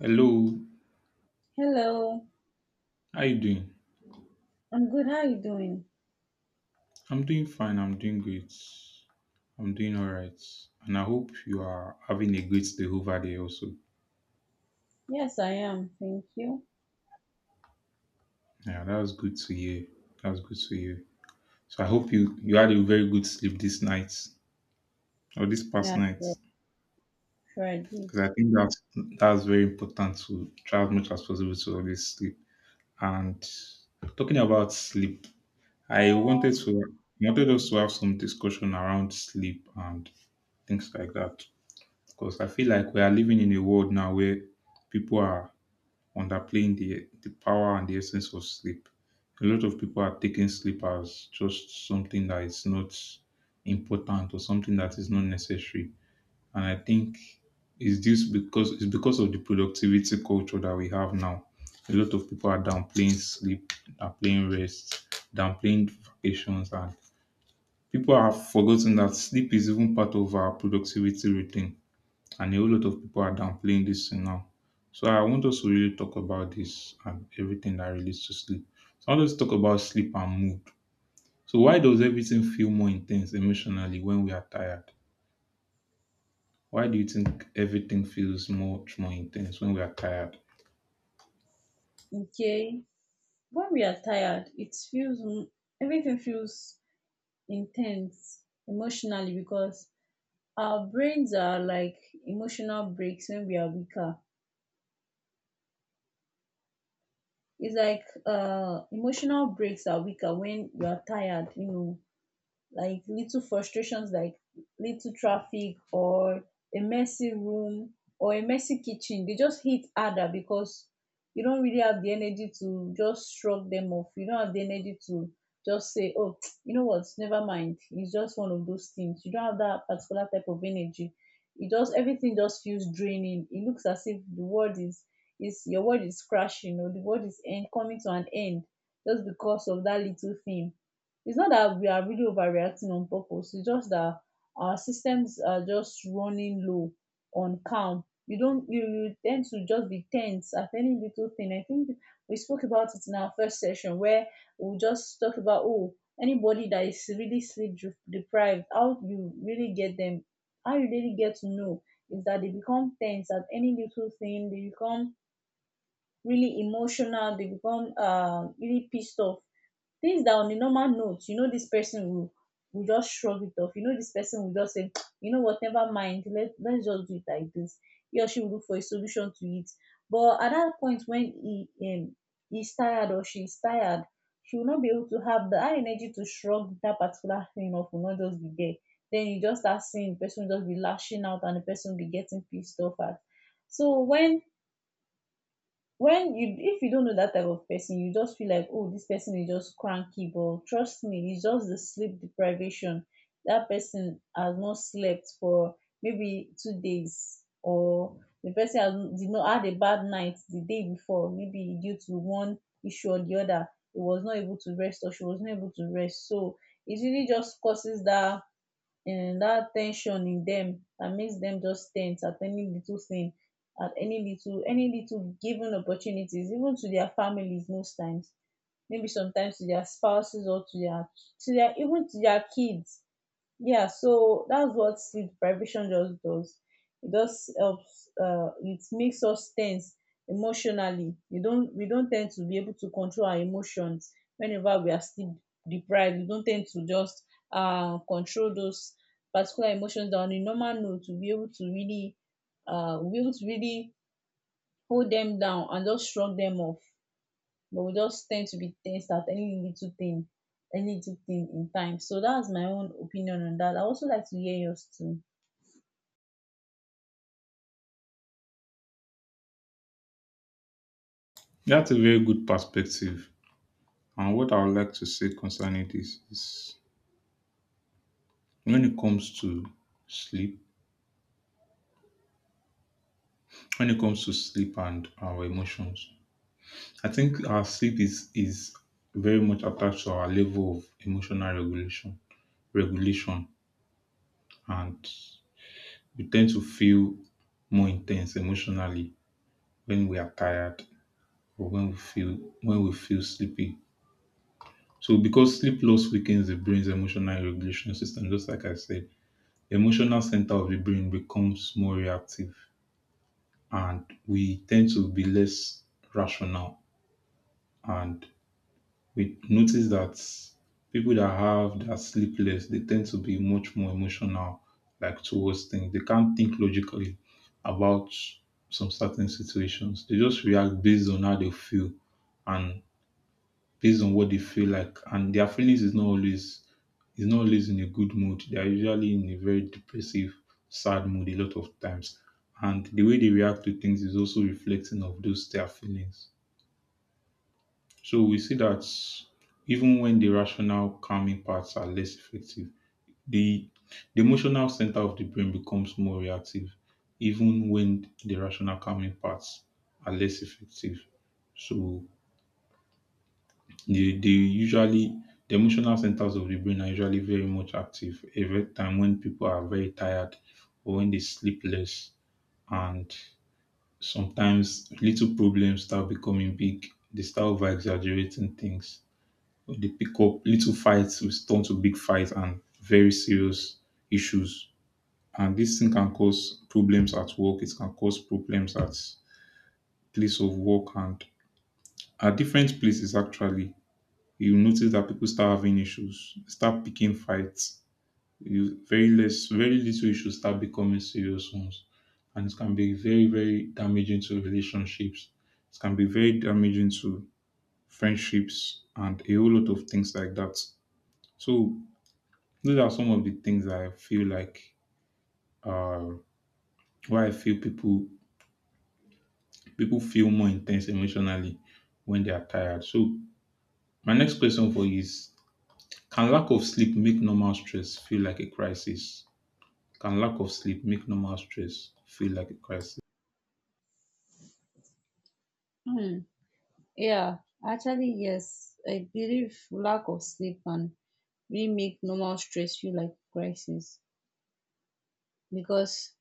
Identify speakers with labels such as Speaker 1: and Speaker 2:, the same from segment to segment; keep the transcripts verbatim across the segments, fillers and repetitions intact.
Speaker 1: Hello,
Speaker 2: Hello,
Speaker 1: how you doing?
Speaker 2: I'm good. How are you doing?
Speaker 1: I'm doing fine. I'm doing great. I'm doing all right, and I hope you are having a great day over there also.
Speaker 2: Yes, I am. Thank you.
Speaker 1: Yeah, that was good to hear. That was good to hear. So I hope you you had a very good sleep this night or this past
Speaker 2: Yeah,
Speaker 1: night,
Speaker 2: sure, sure I did.
Speaker 1: because I think that's that's very important to try as much as possible to always sleep. And talking about sleep, I wanted to I wanted us to have some discussion around sleep and things like that. Because I feel like we are living in a world now where people are underplaying the the power and the essence of sleep. A lot of people are taking sleep as just something that is not important or something that is not necessary. And I think it's this because it's because of the productivity culture that we have now. A lot of people are downplaying sleep, downplaying rest, downplaying vacations, and people have forgotten that sleep is even part of our productivity routine, and a whole lot of people are downplaying this thing now. So I want us to really talk about this and everything that relates to sleep. So I want us to talk about sleep and mood. So why does everything feel more intense emotionally when we are tired? Why do you think everything feels much more intense when we are tired?
Speaker 2: Okay. When we are tired, it feels m- everything feels intense emotionally because our brains are like emotional breaks when we are weaker. It's like uh emotional breaks are weaker when you are tired, you know Like little frustrations, like little traffic or a messy room or a messy kitchen, they just hit harder because you don't really have the energy to just shrug them off. You don't have the energy to just say, oh, you know what, never mind, it's just one of those things. You don't have that particular type of energy. It just Everything just feels draining. It looks as if the world is is your world is crashing, or the world is end, coming to an end just because of that little thing. It's not that we are really overreacting on purpose. It's just that our systems are just running low on calm. You don't you you tend to just be tense at any little thing. I think we spoke about it in our first session where we just talk about, oh, anybody that is really sleep dri- deprived, how you really get them how you really get to know is that they become tense at any little thing. They become really emotional. They become uh, really pissed off. Things that on a normal note, you know, this person will will just shrug it off. You know, this person will just say, you know what, never mind. Let let's just do it like this. He or she will look for a solution to it. But at that point when he um he's tired or she's tired, she will not be able to have the high energy to shrug that particular thing off, will not just be there. Then you just start seeing the person just be lashing out and the person be getting pissed off at. So when when you if you don't know that type of person, you just feel like, oh, this person is just cranky, but trust me, it's just the sleep deprivation. That person has not slept for maybe two days, or the person has did not had a bad night the day before, maybe due to one issue or the other. He was not able to rest, or she was not able to rest. So it really just causes that um that ten sion in them that makes them just tense at any little thing, at any little any little given opportunities, even to their families most times, maybe sometimes to their spouses, or to their to their even to their kids. Yeah, so that's what sleep deprivation just does. It just helps uh it makes us tense emotionally. You don't we don't tend to be able to control our emotions whenever we are sleep deprived. We don't tend to just uh control those particular emotions that on a normal note to be able to really uh we'll be able to really hold them down and just shrug them off. But we just tend to be tensed at any little thing any little thing in time. So that's my own opinion on that. I also like to hear yours too.
Speaker 1: That's a very good perspective. And what I would like to say concerning this is, when it comes to sleep, when it comes to sleep and our emotions, I think our sleep is is very much attached to our level of emotional regulation regulation, and we tend to feel more intense emotionally when we are tired or when we feel when we feel sleepy. So because sleep loss weakens the brain's emotional regulation system, just like I said, the emotional center of the brain becomes more reactive, and we tend to be less rational, and we notice that people that have that sleep less, they tend to be much more emotional, like towards things. They can't think logically about some certain situations. They just react based on how they feel and based on what they feel like. And their feelings is not always is not always in a good mood. They are usually in a very depressive, sad mood a lot of times. And the way they react to things is also reflecting of those their feelings. So we see that even when the rational calming parts are less effective, the, the emotional center of the brain becomes more reactive, even when the rational calming parts are less effective. So they, they usually, the emotional centers of the brain are usually very much active every time when people are very tired or when they sleep less, and sometimes little problems start becoming big. They start over exaggerating things, they pick up little fights will turn to big fights and very serious issues. And this thing can cause problems at work. It can cause problems at place of work and at different places. Actually, you notice that people start having issues, start picking fights. You, very less, very little issues start becoming serious ones, and it can be very, very damaging to relationships. It can be very damaging to friendships and a whole lot of things like that. So those are some of the things I feel like why I feel people people feel more intense emotionally when they are tired. So my next question for you is: can lack of sleep make normal stress feel like a crisis? Can lack of sleep make normal stress feel like a crisis?
Speaker 2: Hmm. Yeah, actually, yes. I believe lack of sleep can really make normal stress feel like crisis because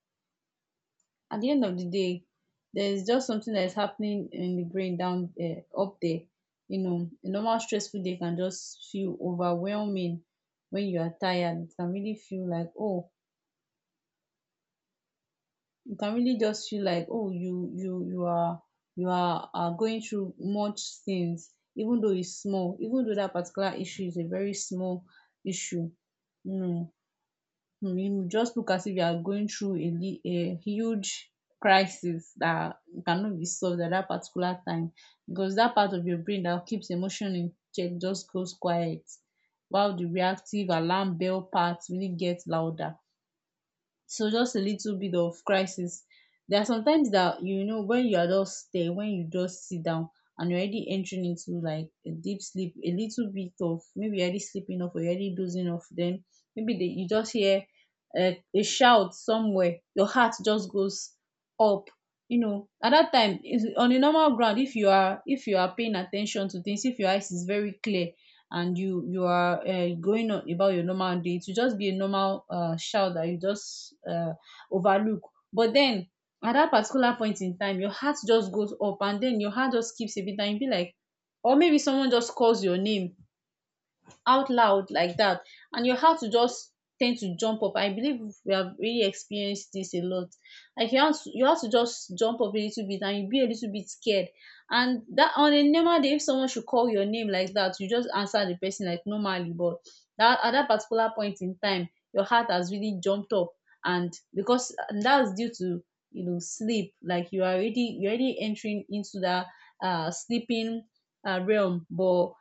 Speaker 2: at the end of the day, there is just something that is happening in the brain down there, up there. You know, a normal stressful day can just feel overwhelming when you are tired. It can really feel like, oh, you can really just feel like, oh, you you you are you are are going through much things, even though it's small, even though that particular issue is a very small issue um you just look as if you are going through a li a huge crisis that cannot be solved at that particular time because that part of your brain that keeps emotion in check just goes quiet while the reactive alarm bell part really gets louder. So just a little bit of crisis. There are sometimes that, you know, when you are just there, when you just sit down and you're already entering into like a deep sleep, a little bit of, maybe you're already sleeping off or you're already dozing off, then maybe they, you just hear a, a shout somewhere, your heart just goes up. You know, at that time, is- on a normal ground, if you are if you are paying attention to things, if your eyes is very clear, and you you are uh, going on about your normal day to just be a normal uh, child that you just uh, overlook. But then at that particular point in time, your heart just goes up, and then your heart just keeps a bit. And you be like, or maybe someone just calls your name out loud like that, and your heart will just tend to jump up. I believe we have really experienced this a lot. Like you have to, you have to just jump up a little bit, and you be a little bit scared. And that, on a normal day, if someone should call your name like that, you just answer the person like normally. But that at that particular point in time, your heart has really jumped up, and because and that's due to, you know sleep. Like you are already you are already entering into that uh sleeping uh, realm, but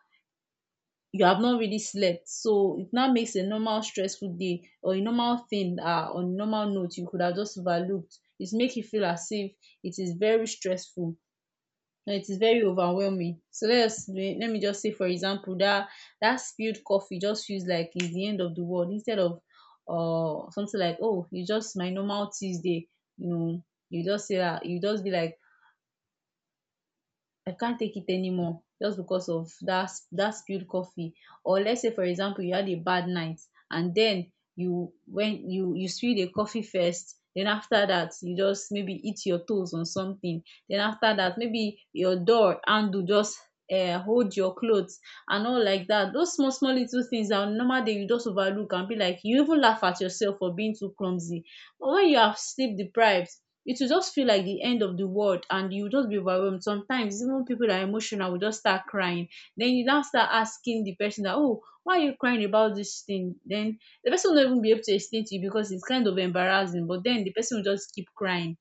Speaker 2: you have not really slept. So it now makes a normal stressful day, or a normal thing, ah on normal note you could have just overlooked, it make you feel as if it is very stressful and it is very overwhelming. So let us let me just say, for example, that that spilled coffee just feels like it's the end of the world instead of uh something like, oh, it's just my normal Tuesday, you know. You just say that, you just be like, I can't take it anymore just because of that that spilled coffee. Or let's say, for example, you had a bad night, and then you when you you spill the coffee first, then after that you just maybe eat your toes on something, then after that maybe your door handle just uh hold your clothes and all like that. Those small small little things that on normal day you just overlook, and be like, you even laugh at yourself for being too clumsy. But when you are sleep deprived, it will just feel like the end of the world, and you will just be overwhelmed. Sometimes even people that are emotional will just start crying. Then you now start asking the person that, oh, why are you crying about this thing? Then the person will not even be able to explain to you because it's kind of embarrassing. But then the person will just keep crying,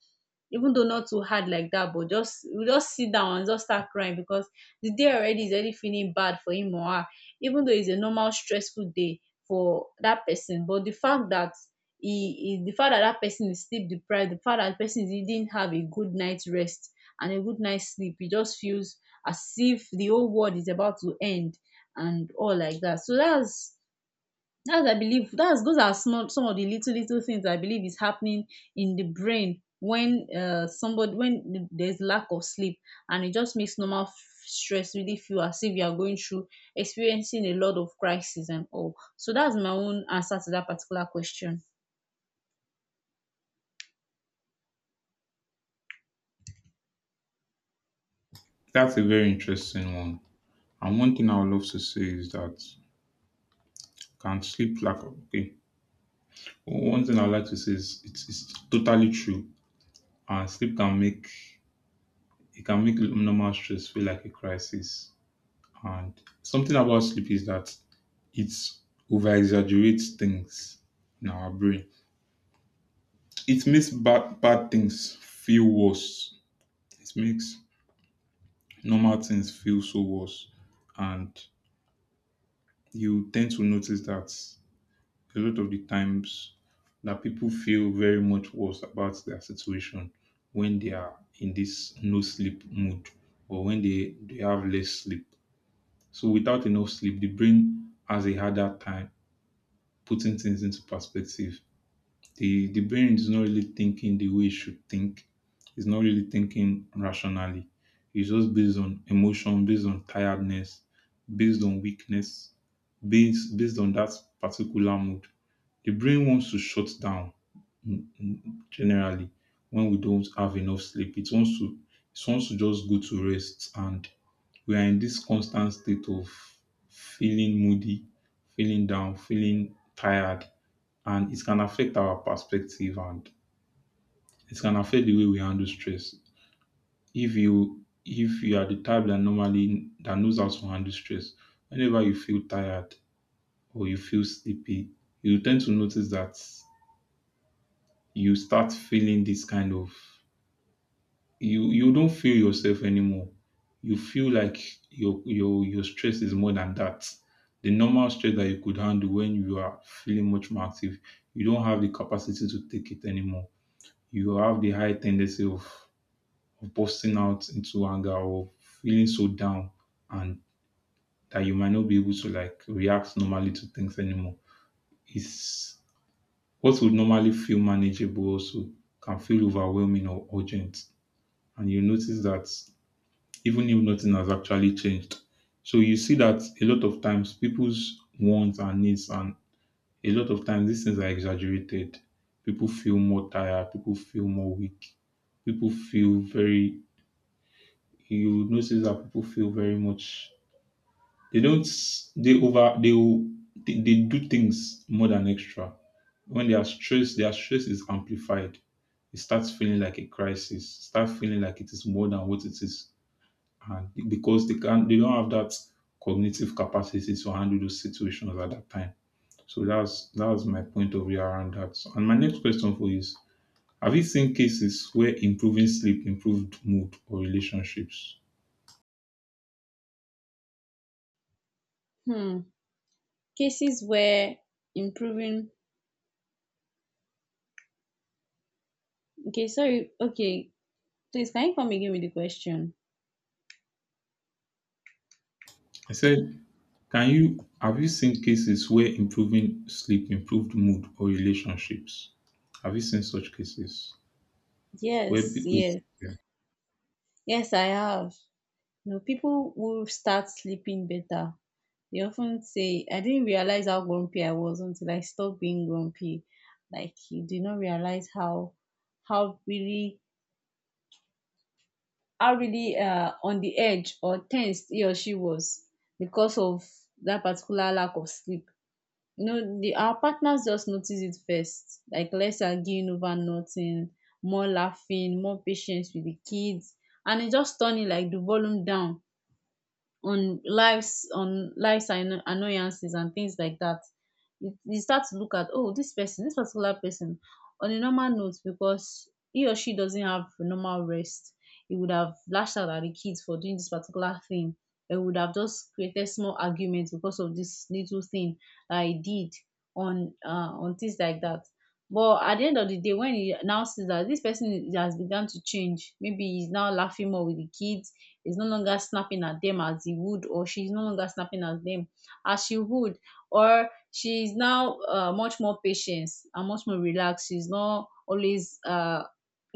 Speaker 2: even though not too hard like that, but just we just sit down and just start crying because the day already is already feeling bad for him or her, even though it's a normal stressful day for that person. But the fact that he, he the fact that that person is sleep deprived, the fact that the person didn't have a good night's rest and a good night's sleep, it just feels as if the whole world is about to end and all like that. So that's that's I believe that's those are small some of the little little things I believe is happening in the brain when uh somebody when there's lack of sleep, and it just makes normal f- stress really feel as if you are going through experiencing a lot of crisis and all. So that's my own answer to that particular question.
Speaker 1: That's a very interesting one. And one thing I would love to say is that can sleep lack of okay. One thing I would like to say is it's, it's totally true. And sleep can make, it can make normal stress feel like a crisis. And something about sleep is that it over exaggerates things in our brain. It makes bad, bad things feel worse. It makes normal things feel so worse. And you tend to notice that a lot of the times that people feel very much worse about their situation when they are in this no sleep mood or when they, they have less sleep. So without enough sleep, the brain has a harder time putting things into perspective. The the brain is not really thinking the way it should think. It's not really thinking rationally. It's just based on emotion, based on tiredness, based on weakness, based based on that particular mood. The brain wants to shut down, mm, mm, generally, when we don't have enough sleep. It wants to, it wants to just go to rest, and we are in this constant state of feeling moody, feeling down, feeling tired, and it can affect our perspective and it can affect the way we handle stress. If you if you are the type that normally that knows how to handle stress, whenever you feel tired or you feel sleepy, you tend to notice that you start feeling this kind of, you you don't feel yourself anymore. You feel like your your your stress is more than that. The normal stress that you could handle when you are feeling much more active, you don't have the capacity to take it anymore. You have the high tendency of, of busting out into anger or feeling so down, and that you might not be able to like react normally to things anymore. It's what would normally feel manageable also can feel overwhelming or urgent. And you notice that, even if nothing has actually changed. So you see that a lot of times people's wants and needs, and a lot of times these things are exaggerated. People feel more tired, people feel more weak, people feel very, you notice that people feel very much, they don't they over they will- they, they do things more than extra. When they are stressed, their stress is amplified. It starts feeling like a crisis. Start feeling like it is more than what it is, and because they can not they don't have that cognitive capacity to handle those situations at that time. So that's that's my point of view around that. And my next question for you is: have you seen cases where improving sleep improved mood or relationships?
Speaker 2: Hmm. Cases where improving. Okay, sorry. Okay, please, can you come again with the question?
Speaker 1: I said, can you, have you seen cases where improving sleep improved mood or relationships? Have you seen such cases where
Speaker 2: Yes,
Speaker 1: people?
Speaker 2: yes,
Speaker 1: Yeah.
Speaker 2: yes. I have. You know, people who start sleeping better, they often say, I didn't realize how grumpy I was until I stopped being grumpy. Like you did not realize how how really how really uh, on the edge or tensed he or she was because of that particular lack of sleep. You know, the our partners just notice it first. Like less arguing over nothing, more laughing, more patience with the kids, and it just turning like the volume down on lives on lives and annoyances and things like that. You, you start to look at, oh, this person this particular person on a normal note, because he or she doesn't have normal rest, he would have lashed out at the kids for doing this particular thing. They would have just created small arguments because of this little thing that he did, on uh, on things like that. But at the end of the day, when he now sees that this person is- has begun to change, maybe he's now laughing more with the kids, is no longer snapping at them as he would, or she's no longer snapping at them as she would, or she is now uh, much more patient and much more relaxed. She's not always uh,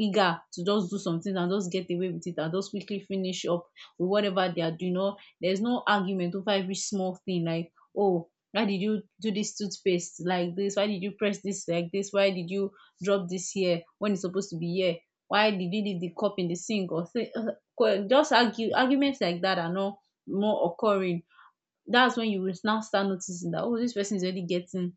Speaker 2: eager to just do something and just get away with it and just quickly finish up with whatever they are doing. Or there's no argument over every small thing like, oh, why did you do this toothpaste like this? Why did you press this like this? Why did you drop this here when it's supposed to be here? Why did you leave the cup in the sink? Or say, just argue, arguments like that are not more occurring. That's when you will now start noticing that, oh, this person is already getting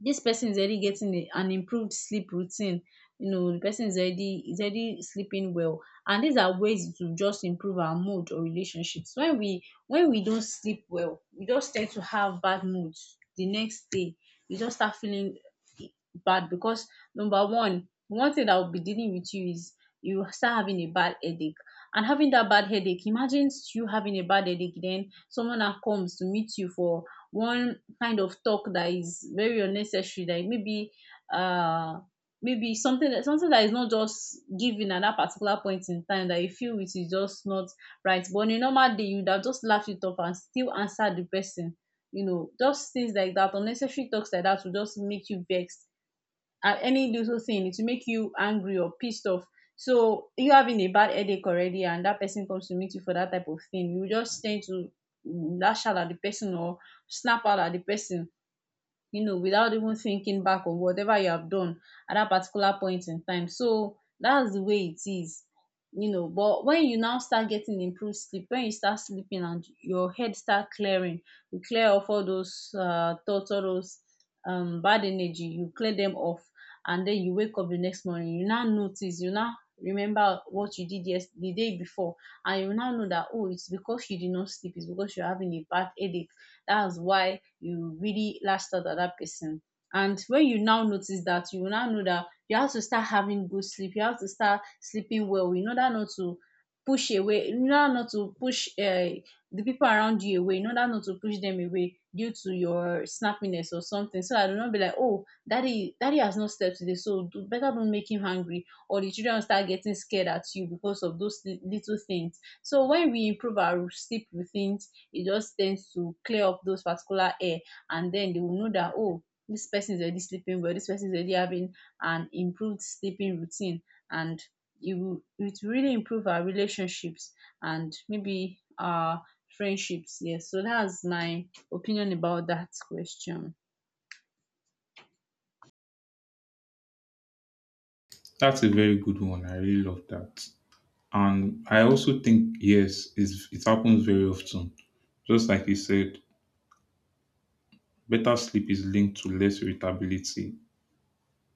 Speaker 2: this person is already getting a, an improved sleep routine. You know, the person is already is already sleeping well. And these are ways to just improve our mood or relationships. When we when we don't sleep well, we just tend to have bad moods the next day. You just start feeling, eh, bad, because number one, one thing that will be dealing with you is you start having a bad headache. And having that bad headache, imagine you having a bad headache, then someone that comes to meet you for one kind of talk that is very unnecessary, that maybe, uh maybe something that something that is not just given at that particular point in time, that you feel it is just not right, but on a normal day you would have just laughed it off and still answered the person. You know, just things like that, unnecessary talks like that will just make you vexed at any little thing, it will make you angry or pissed off. So you having a bad headache already, and that person comes to meet you for that type of thing, you just tend to lash out at the person or snap out at the person, you know, without even thinking back on whatever you have done at that particular point in time. So that's the way it is, you know. But when you now start getting improved sleep, when you start sleeping and your head start clearing, you clear off all those uh, thoughts, all those um, bad energy, you clear them off. And then you wake up the next morning, you now notice, you now remember what you did yes the day before, and you now know that, oh, it's because you did not sleep, it's because you're having a bad headache, that's why you really lashed out at that person. And when you now notice that, you will now know that you have to start having good sleep. You have to start sleeping well in order not to push away, in order not to push uh, the people around you away, in order not to push them away due to your snappiness or something. So I do not be like, oh, daddy, daddy has not slept today, so do, better don't make him hungry. Or the children will start getting scared at you because of those li- little things. So when we improve our sleep routines, it just tends to clear up those particular air, and then they will know that, oh, this person is already sleeping well, this person is already having an improved sleeping routine. And it will, it will really improve our relationships and maybe our friendships, yes. So that's my opinion about that question.
Speaker 1: That's a very good one. I really love that. And I also think yes, it's, it happens very often. Just like you said, better sleep is linked to less irritability.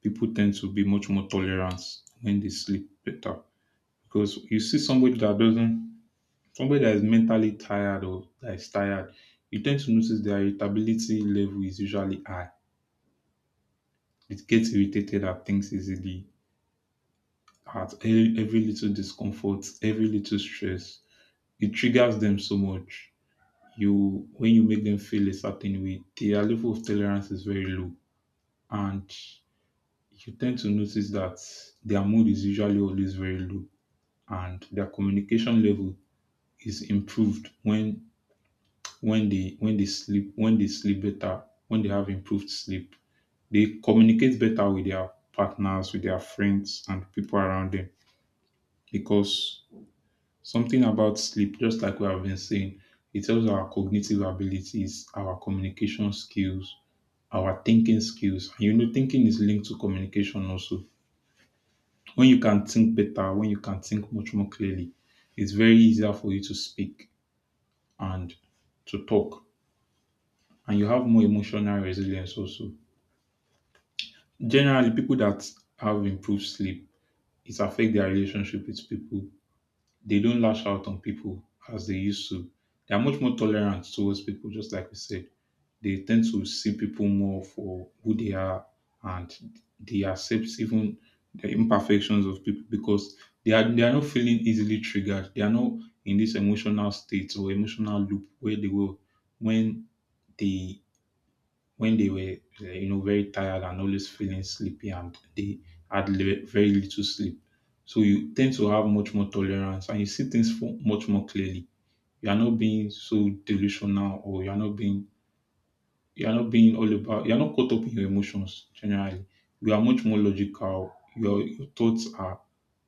Speaker 1: People tend to be much more tolerant when they sleep better, because you see somebody that doesn't somebody that is mentally tired or that is tired, you tend to notice their irritability level is usually high. It gets irritated at things easily, at e- every little discomfort, every little stress. It triggers them so much. You when you make them feel a certain way, their level of tolerance is very low. And you tend to notice that their mood is usually always very low, and their communication level is improved when when they when they sleep when they sleep better, when they have improved sleep, they communicate better with their partners, with their friends and people around them. Because something about sleep, just like we have been saying, it helps our cognitive abilities, our communication skills, our thinking skills. And you know, thinking is linked to communication also. When you can think better, when you can think much more clearly, it's very easier for you to speak and to talk. And you have more emotional resilience also. Generally, people that have improved sleep, it affect their relationship with people. They don't lash out on people as they used to. They are much more tolerant towards people, just like we said. They tend to see people more for who they are, and they accept even the imperfections of people because they are they are not feeling easily triggered. They are not in this emotional state or emotional loop where they were when they when they were, uh, you know, very tired and always feeling sleepy, and they had le- very little sleep. So you tend to have much more tolerance, and you see things for much more clearly. You are not being so delusional, or you are not being you are not being all about. You are not caught up in your emotions generally. You are much more logical. Your your thoughts are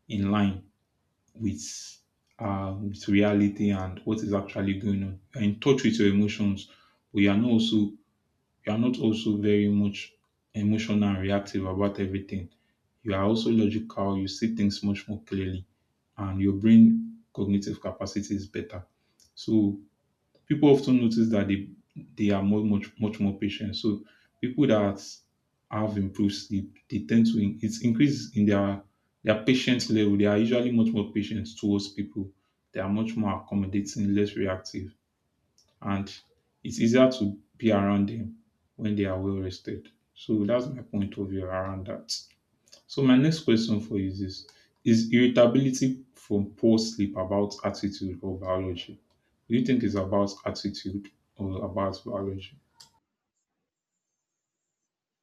Speaker 1: in line with uh, with reality and what is actually going on. You are in touch with your emotions, but you are not also you are not also very much emotional and reactive about everything. You are also logical, you see things much more clearly, and your brain cognitive capacity is better. So people often notice that they they are more much much more patient. So people that have improved sleep, they tend to in- it's increase in their their patience level. They are usually much more patient towards people. They are much more accommodating, less reactive, and it's easier to be around them when they are well rested. So that's my point of view around that. So my next question for you is this is irritability from poor sleep about attitude or biology? Do you think it's about attitude or about biology?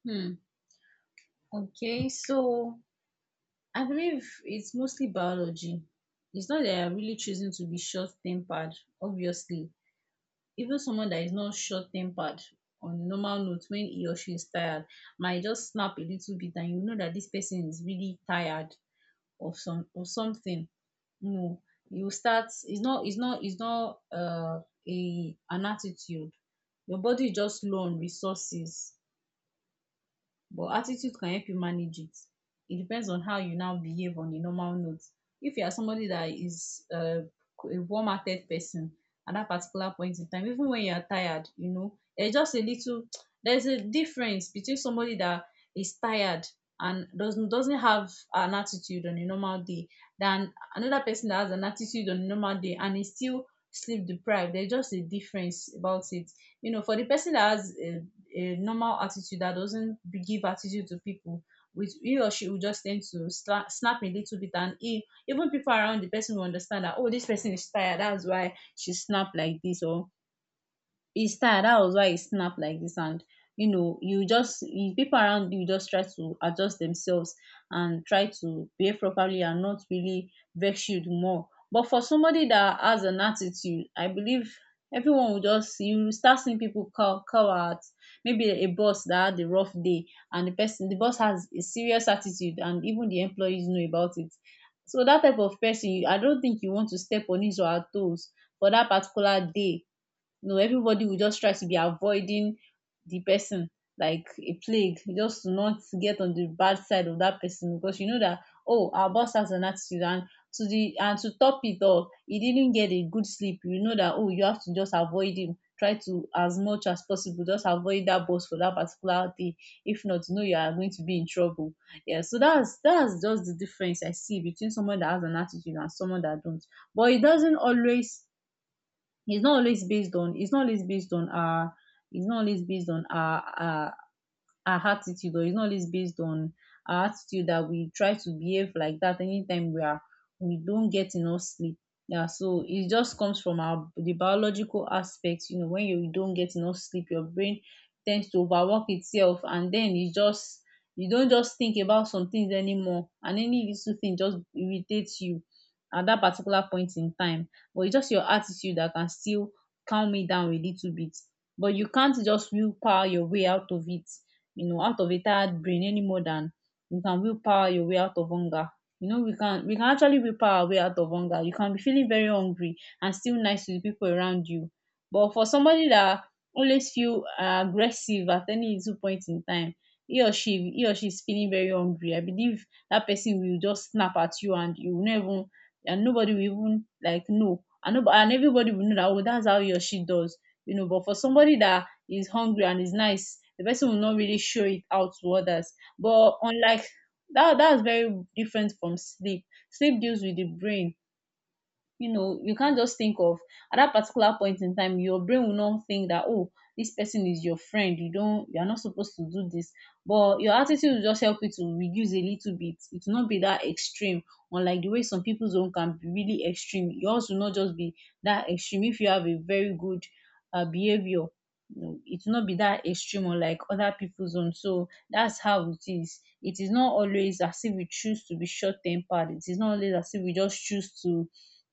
Speaker 2: Hmm. Okay, so I believe it's mostly biology. It's not that you're really choosing to be short tempered, obviously. Even someone that is not short tempered on normal notes, when he or she is tired, might just snap a little bit, and you know that this person is really tired of some of something, you know. You start it's not it's not it's not uh a, an attitude. Your body is just low on resources, but attitude can help you manage it. It depends on how you now behave on a normal note. If you are somebody that is uh, a warm hearted person, at that particular point in time, even when you are tired, you know, there's just a little, there's a difference between somebody that is tired and doesn't doesn't have an attitude on a normal day, than another person that has an attitude on a normal day and is still sleep deprived. There's just a difference about it. You know, for the person that has a a normal attitude, that doesn't give attitude to people, with he or she, will just tend to sla- snap a little bit, and he, even people around the person will understand that, oh, this person is tired, that's why she snapped like this, or his style, that was why he snapped like this. And you know, you just you- people around you just try to adjust themselves and try to behave properly and not really vex you the more. But for somebody that has an attitude, I believe everyone will just, you will start seeing people call call out, maybe a boss that had a rough day, and the person the boss has a serious attitude, and even the employees know about it. So that type of person, you- I don't think you want to step on his or her toes for that particular day. No, everybody will just try to be avoiding the person like a plague, just to not get on the bad side of that person, because you know that, oh, our boss has an attitude, and to the, and to top it off, he didn't get a good sleep. You know that, oh, you have to just avoid him. Try to as much as possible just avoid that boss for that particular day. If not, you know you are going to be in trouble. Yeah, so that's that's just the difference I see between someone that has an attitude and someone that don't. But it doesn't always, it's not always based on it's not always based on our it's not always based on our our our attitude, or it's not always based on our attitude, that we try to behave like that anytime we are we don't get enough sleep. Yeah, so it just comes from our the biological aspect. You know, when you don't get enough sleep, your brain tends to overwork itself, and then you just you don't just think about some things anymore, and any little thing just irritates you at that particular point in time. But it's just your attitude that can still calm me down a little bit. But you can't just willpower your way out of it, you know, out of a tired brain, any more than you can will power your way out of hunger. You know, we can we can actually will power our way out of hunger. You can be feeling very hungry and still nice to the people around you. But for somebody that always feel uh, aggressive at any little point in time, he or she he or she is feeling very hungry, I believe that person will just snap at you, and you will not even, and nobody will even like know and, nobody, and everybody will know that, oh, that's how he or she does, you know. But for somebody that is hungry and is nice, the person will not really show it out to others. But unlike that, that's very different from sleep. Sleep deals with the brain. You know, you can't just think of, at that particular point in time your brain will not think that, oh, this person is your friend, you don't, you're not supposed to do this. But your attitude will just help you to reduce a little bit. It will not be that extreme unlike the way some people's own can be really extreme. Yours will not just be that extreme if you have a very good uh, behavior. You know, it will not be that extreme unlike other people's own. So that's how it is. It is not always as if we choose to be short tempered. It is not always as if we just choose to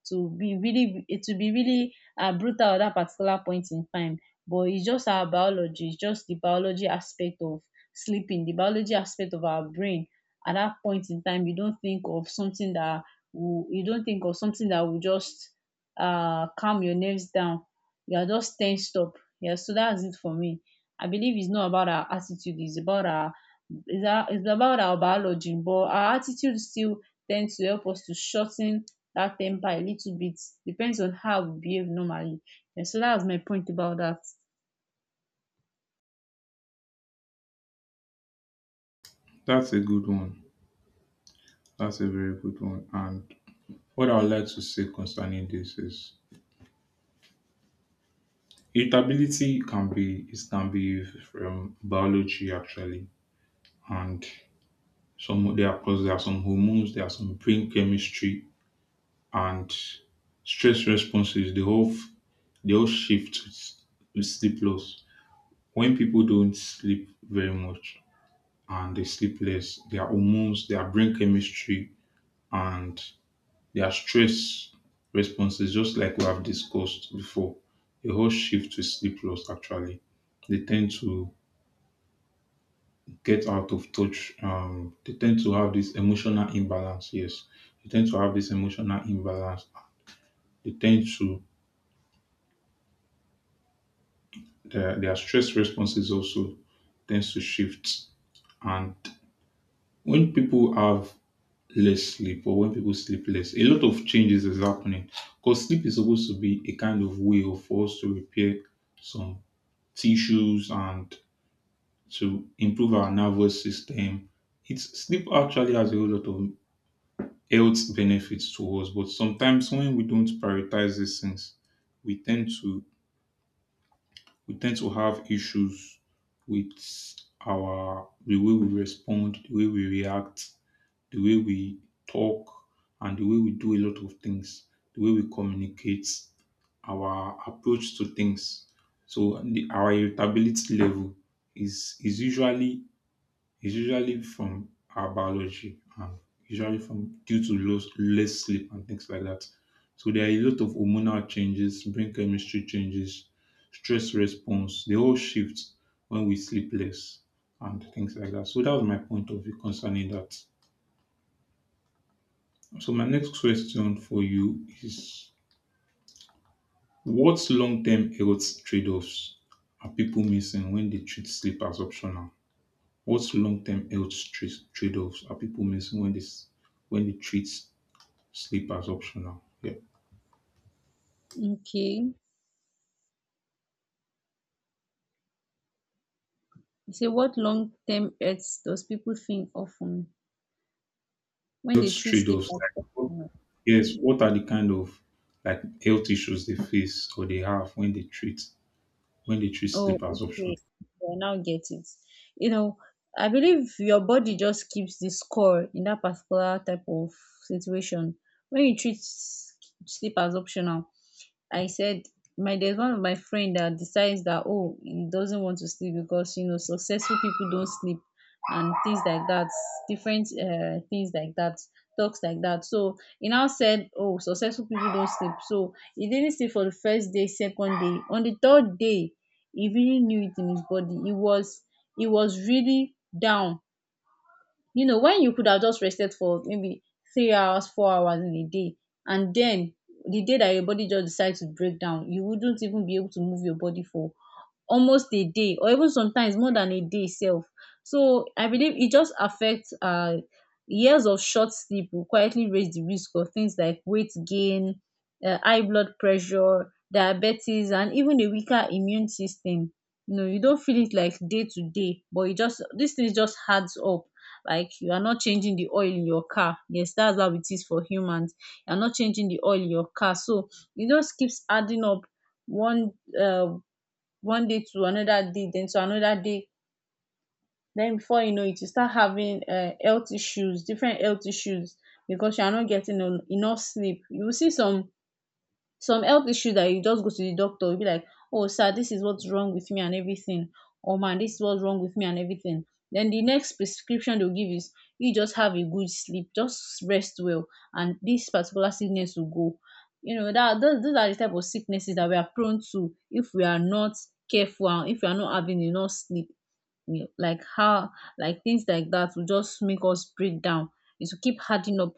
Speaker 2: to be really to be really uh, brutal at that particular point in time. But it's just our biology, it's just the biology aspect of sleeping, the biology aspect of our brain. At that point in time, you don't think of something that will, you don't think of something that will just uh, calm your nerves down. You are just tensed up. Yeah, so that's it for me. I believe it's not about our attitude, it's about our it's, our, it's about our biology. But our attitude still tends to help us to shorten that ten per a little bit, depends on how we behave normally. Yeah, so that was my point about that.
Speaker 1: That's a good one. That's a very good one. And what I would like to say concerning this is irritability can be it can be from biology actually. And Some there are plus there are some hormones, there are some brain chemistry and stress responses. They all f- they all shift with, s- with sleep loss. When people don't sleep very much and they sleep less, their hormones, their brain chemistry, and their stress responses, just like we have discussed before, they all shift with sleep loss. Actually, they tend to get out of touch. Um, they tend to have this emotional imbalance. Yes, they tend to have this emotional imbalance. They tend to their, their stress responses also tends to shift. And when people have less sleep or when people sleep less, a lot of changes is happening. Because sleep is supposed to be a kind of way of for us to repair some tissues and to improve our nervous system. It's sleep actually has a whole lot of health benefits to us. But sometimes when we don't prioritize these things, we tend to we tend to have issues with our the way we respond, the way we react, the way we talk, and the way we do a lot of things, the way we communicate, our approach to things. So the, our irritability level is is usually it's usually from our biology and usually from due to low, less sleep and things like that. So there are a lot of hormonal changes, brain chemistry changes, stress response. They all shift when we sleep less and things like that. So that was my point of view concerning that. So my next question for you is what long-term health trade-offs are people missing when they treat sleep as optional? What's long-term health tra- trade-offs are people missing when they s- when they treat sleep as optional? Yeah,
Speaker 2: Okay. So what long term hurts does people think often when they
Speaker 1: health
Speaker 2: treat sleep
Speaker 1: trade-offs.
Speaker 2: as
Speaker 1: Like, what-
Speaker 2: optional?
Speaker 1: yes, what are the kind of like health issues they face or they have when they treat when they treat
Speaker 2: Oh,
Speaker 1: sleep as optional?
Speaker 2: okay. I now get it. You know, I believe your body just keeps the score in that particular type of situation. When you treat s- sleep as optional, I said my there's one of my friend that decides that oh he doesn't want to sleep because you know successful people don't sleep and things like that, different uh, things like that, talks like that. So he now said oh successful people don't sleep, so he didn't sleep for the first day, second day. On the third day he really knew it in his body. He was he was really down. You know, when you could have just rested for maybe three hours, four hours in a day, and then the day that your body just decides to break down, you wouldn't even be able to move your body for almost a day or even sometimes more than a day itself. So I believe it just affects um Years of short sleep will quietly raise the risk of things like weight gain, um high blood pressure, diabetes, and even a weaker immune system. You know, you don't feel it like day to day, but it just dis things just adds up. Like you are not changing the oil in your car. Yes, that's how it is for humans. You are not changing the oil in your car, so it just keeps adding up one uh one day to another day, then to another day. Then before you know it, you start having uh health issues, different health issues. Because you are not getting en- enough sleep, you will see some some health issue that you just go to the doctor, you be like, oh sir, this is what's wrong with me and everything, or man, this is what's wrong with me and everything. Then the next prescription they'll give is you just have a good sleep, just rest well, and this particular sickness will go. You know that those, those are the type of sicknesses that we are prone to if we are not careful and if we are not having enough sleep. You- like how, like things like that will just make us break down. It will keep adding up,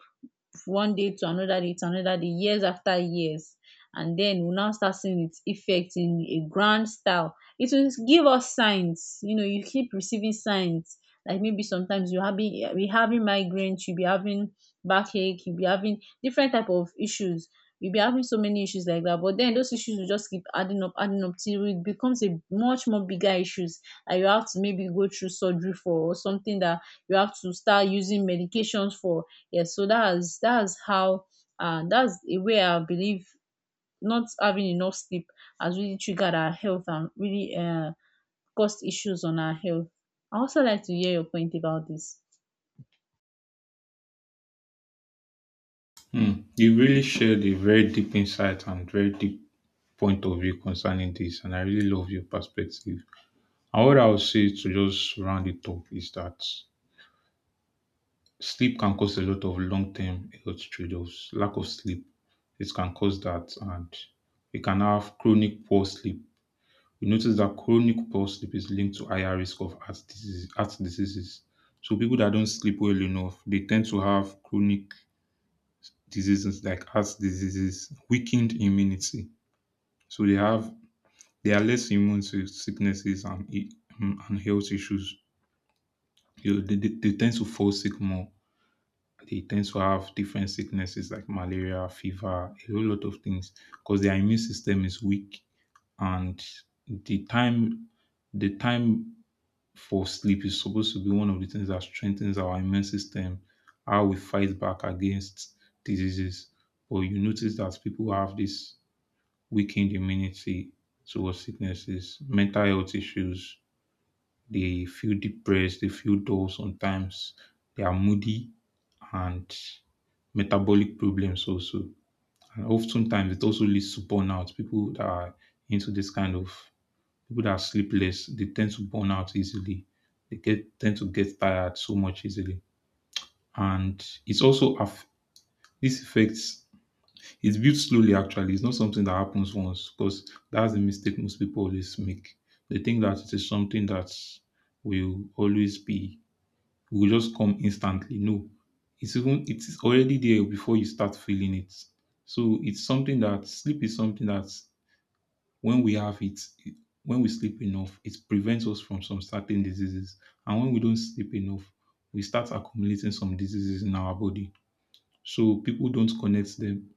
Speaker 2: one day to another day to another day, years after years. And then we'll now start seeing its effect in a grand style. It will give us signs. You know, you keep receiving signs, like maybe sometimes you having you'll be having migraines, you'll be having backache, you'll be having different type of issues. You'll be having so many issues like that, but then those issues will just keep adding up, adding up, till it becomes a much more bigger issues and you have to maybe go through surgery for or something that you have to start using medications for. Yes, so that's that's how, uh, that's a way I believe not having enough sleep has really triggered our health and really uh, caused issues on our health. I also like to hear your point about this.
Speaker 1: Hmm. You really shared a very deep insight and very deep point of view concerning this, and I really love your perspective. And what I would say to just round it up is that sleep can cause a lot of long term health trade offs. Lack of sleep, it can cause that, and you can have chronic poor sleep. We notice that chronic poor sleep is linked to higher risk of heart disease, heart diseases. So people that don't sleep well enough, they tend to have chronic diseases like heart diseases, weakened immunity. So they have they are less immune to sicknesses and i- um, and health issues. You know, they, they, they tend to fall sick more. They tend to have different sicknesses like malaria, fever, a whole lot of things because their immune system is weak, and the time the time for sleep is supposed to be one of the things that strengthens our immune system, how we fight back against diseases. But you notice that people have this weakened immunity towards sicknesses, mental health issues, they feel depressed, they feel dull sometimes, they are moody, and metabolic problems also. And oftentimes it also leads to burnout. People that are into this kind of people that are sleepless, they tend to burn out easily. They get tend to get tired so much easily. And it's also aff- this affects it's built slowly actually. It's not something that happens once because that's the mistake most people always make. They think that it is something that will always be will just come instantly. No, it's even it is already there before you start feeling it. So it's something that sleep is something that when we have it, it- when we sleep enough, it prevents us from some certain diseases. And when we don't sleep enough, we start accumulating some diseases in our body. So people don't connect them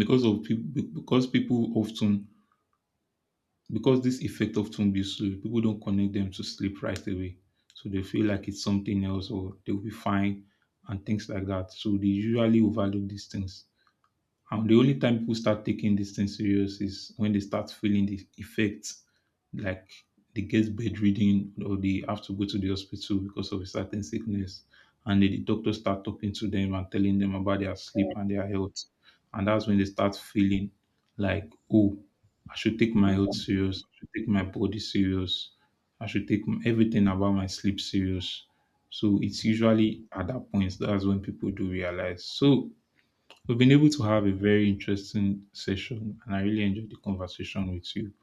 Speaker 1: because of people because people often because this effect often builds slowly, people don't connect them to sleep right away. So they feel like it's something else or they'll be fine and things like that. So they usually overlook these things. And the only time people start taking this thing serious is when they start feeling the effects, like they get bedridden or they have to go to the hospital because of a certain sickness. And then the doctors start talking to them and telling them about their sleep and their health. And that's when they start feeling like, oh, I should take my health serious. I should take my body serious. I should take m- everything about my sleep serious. So it's usually at that point that's when people do realize. So we've been able to have a very interesting session, and I really enjoyed the conversation with you.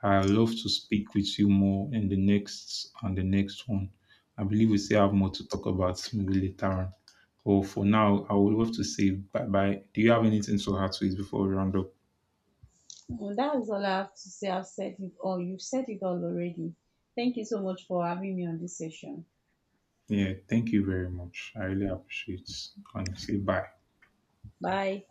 Speaker 1: I love to speak with you more in the next and the next one. I believe we still have more to talk about maybe later on. But for now, I would love to say bye bye. Do you have anything to add to it before we round up?
Speaker 2: Well, that's all I have to say. I've said it all. You've said it all already. Thank you so much for having me on this session.
Speaker 1: Yeah, thank you very much. I really appreciate it. Honestly, bye.
Speaker 2: Bye.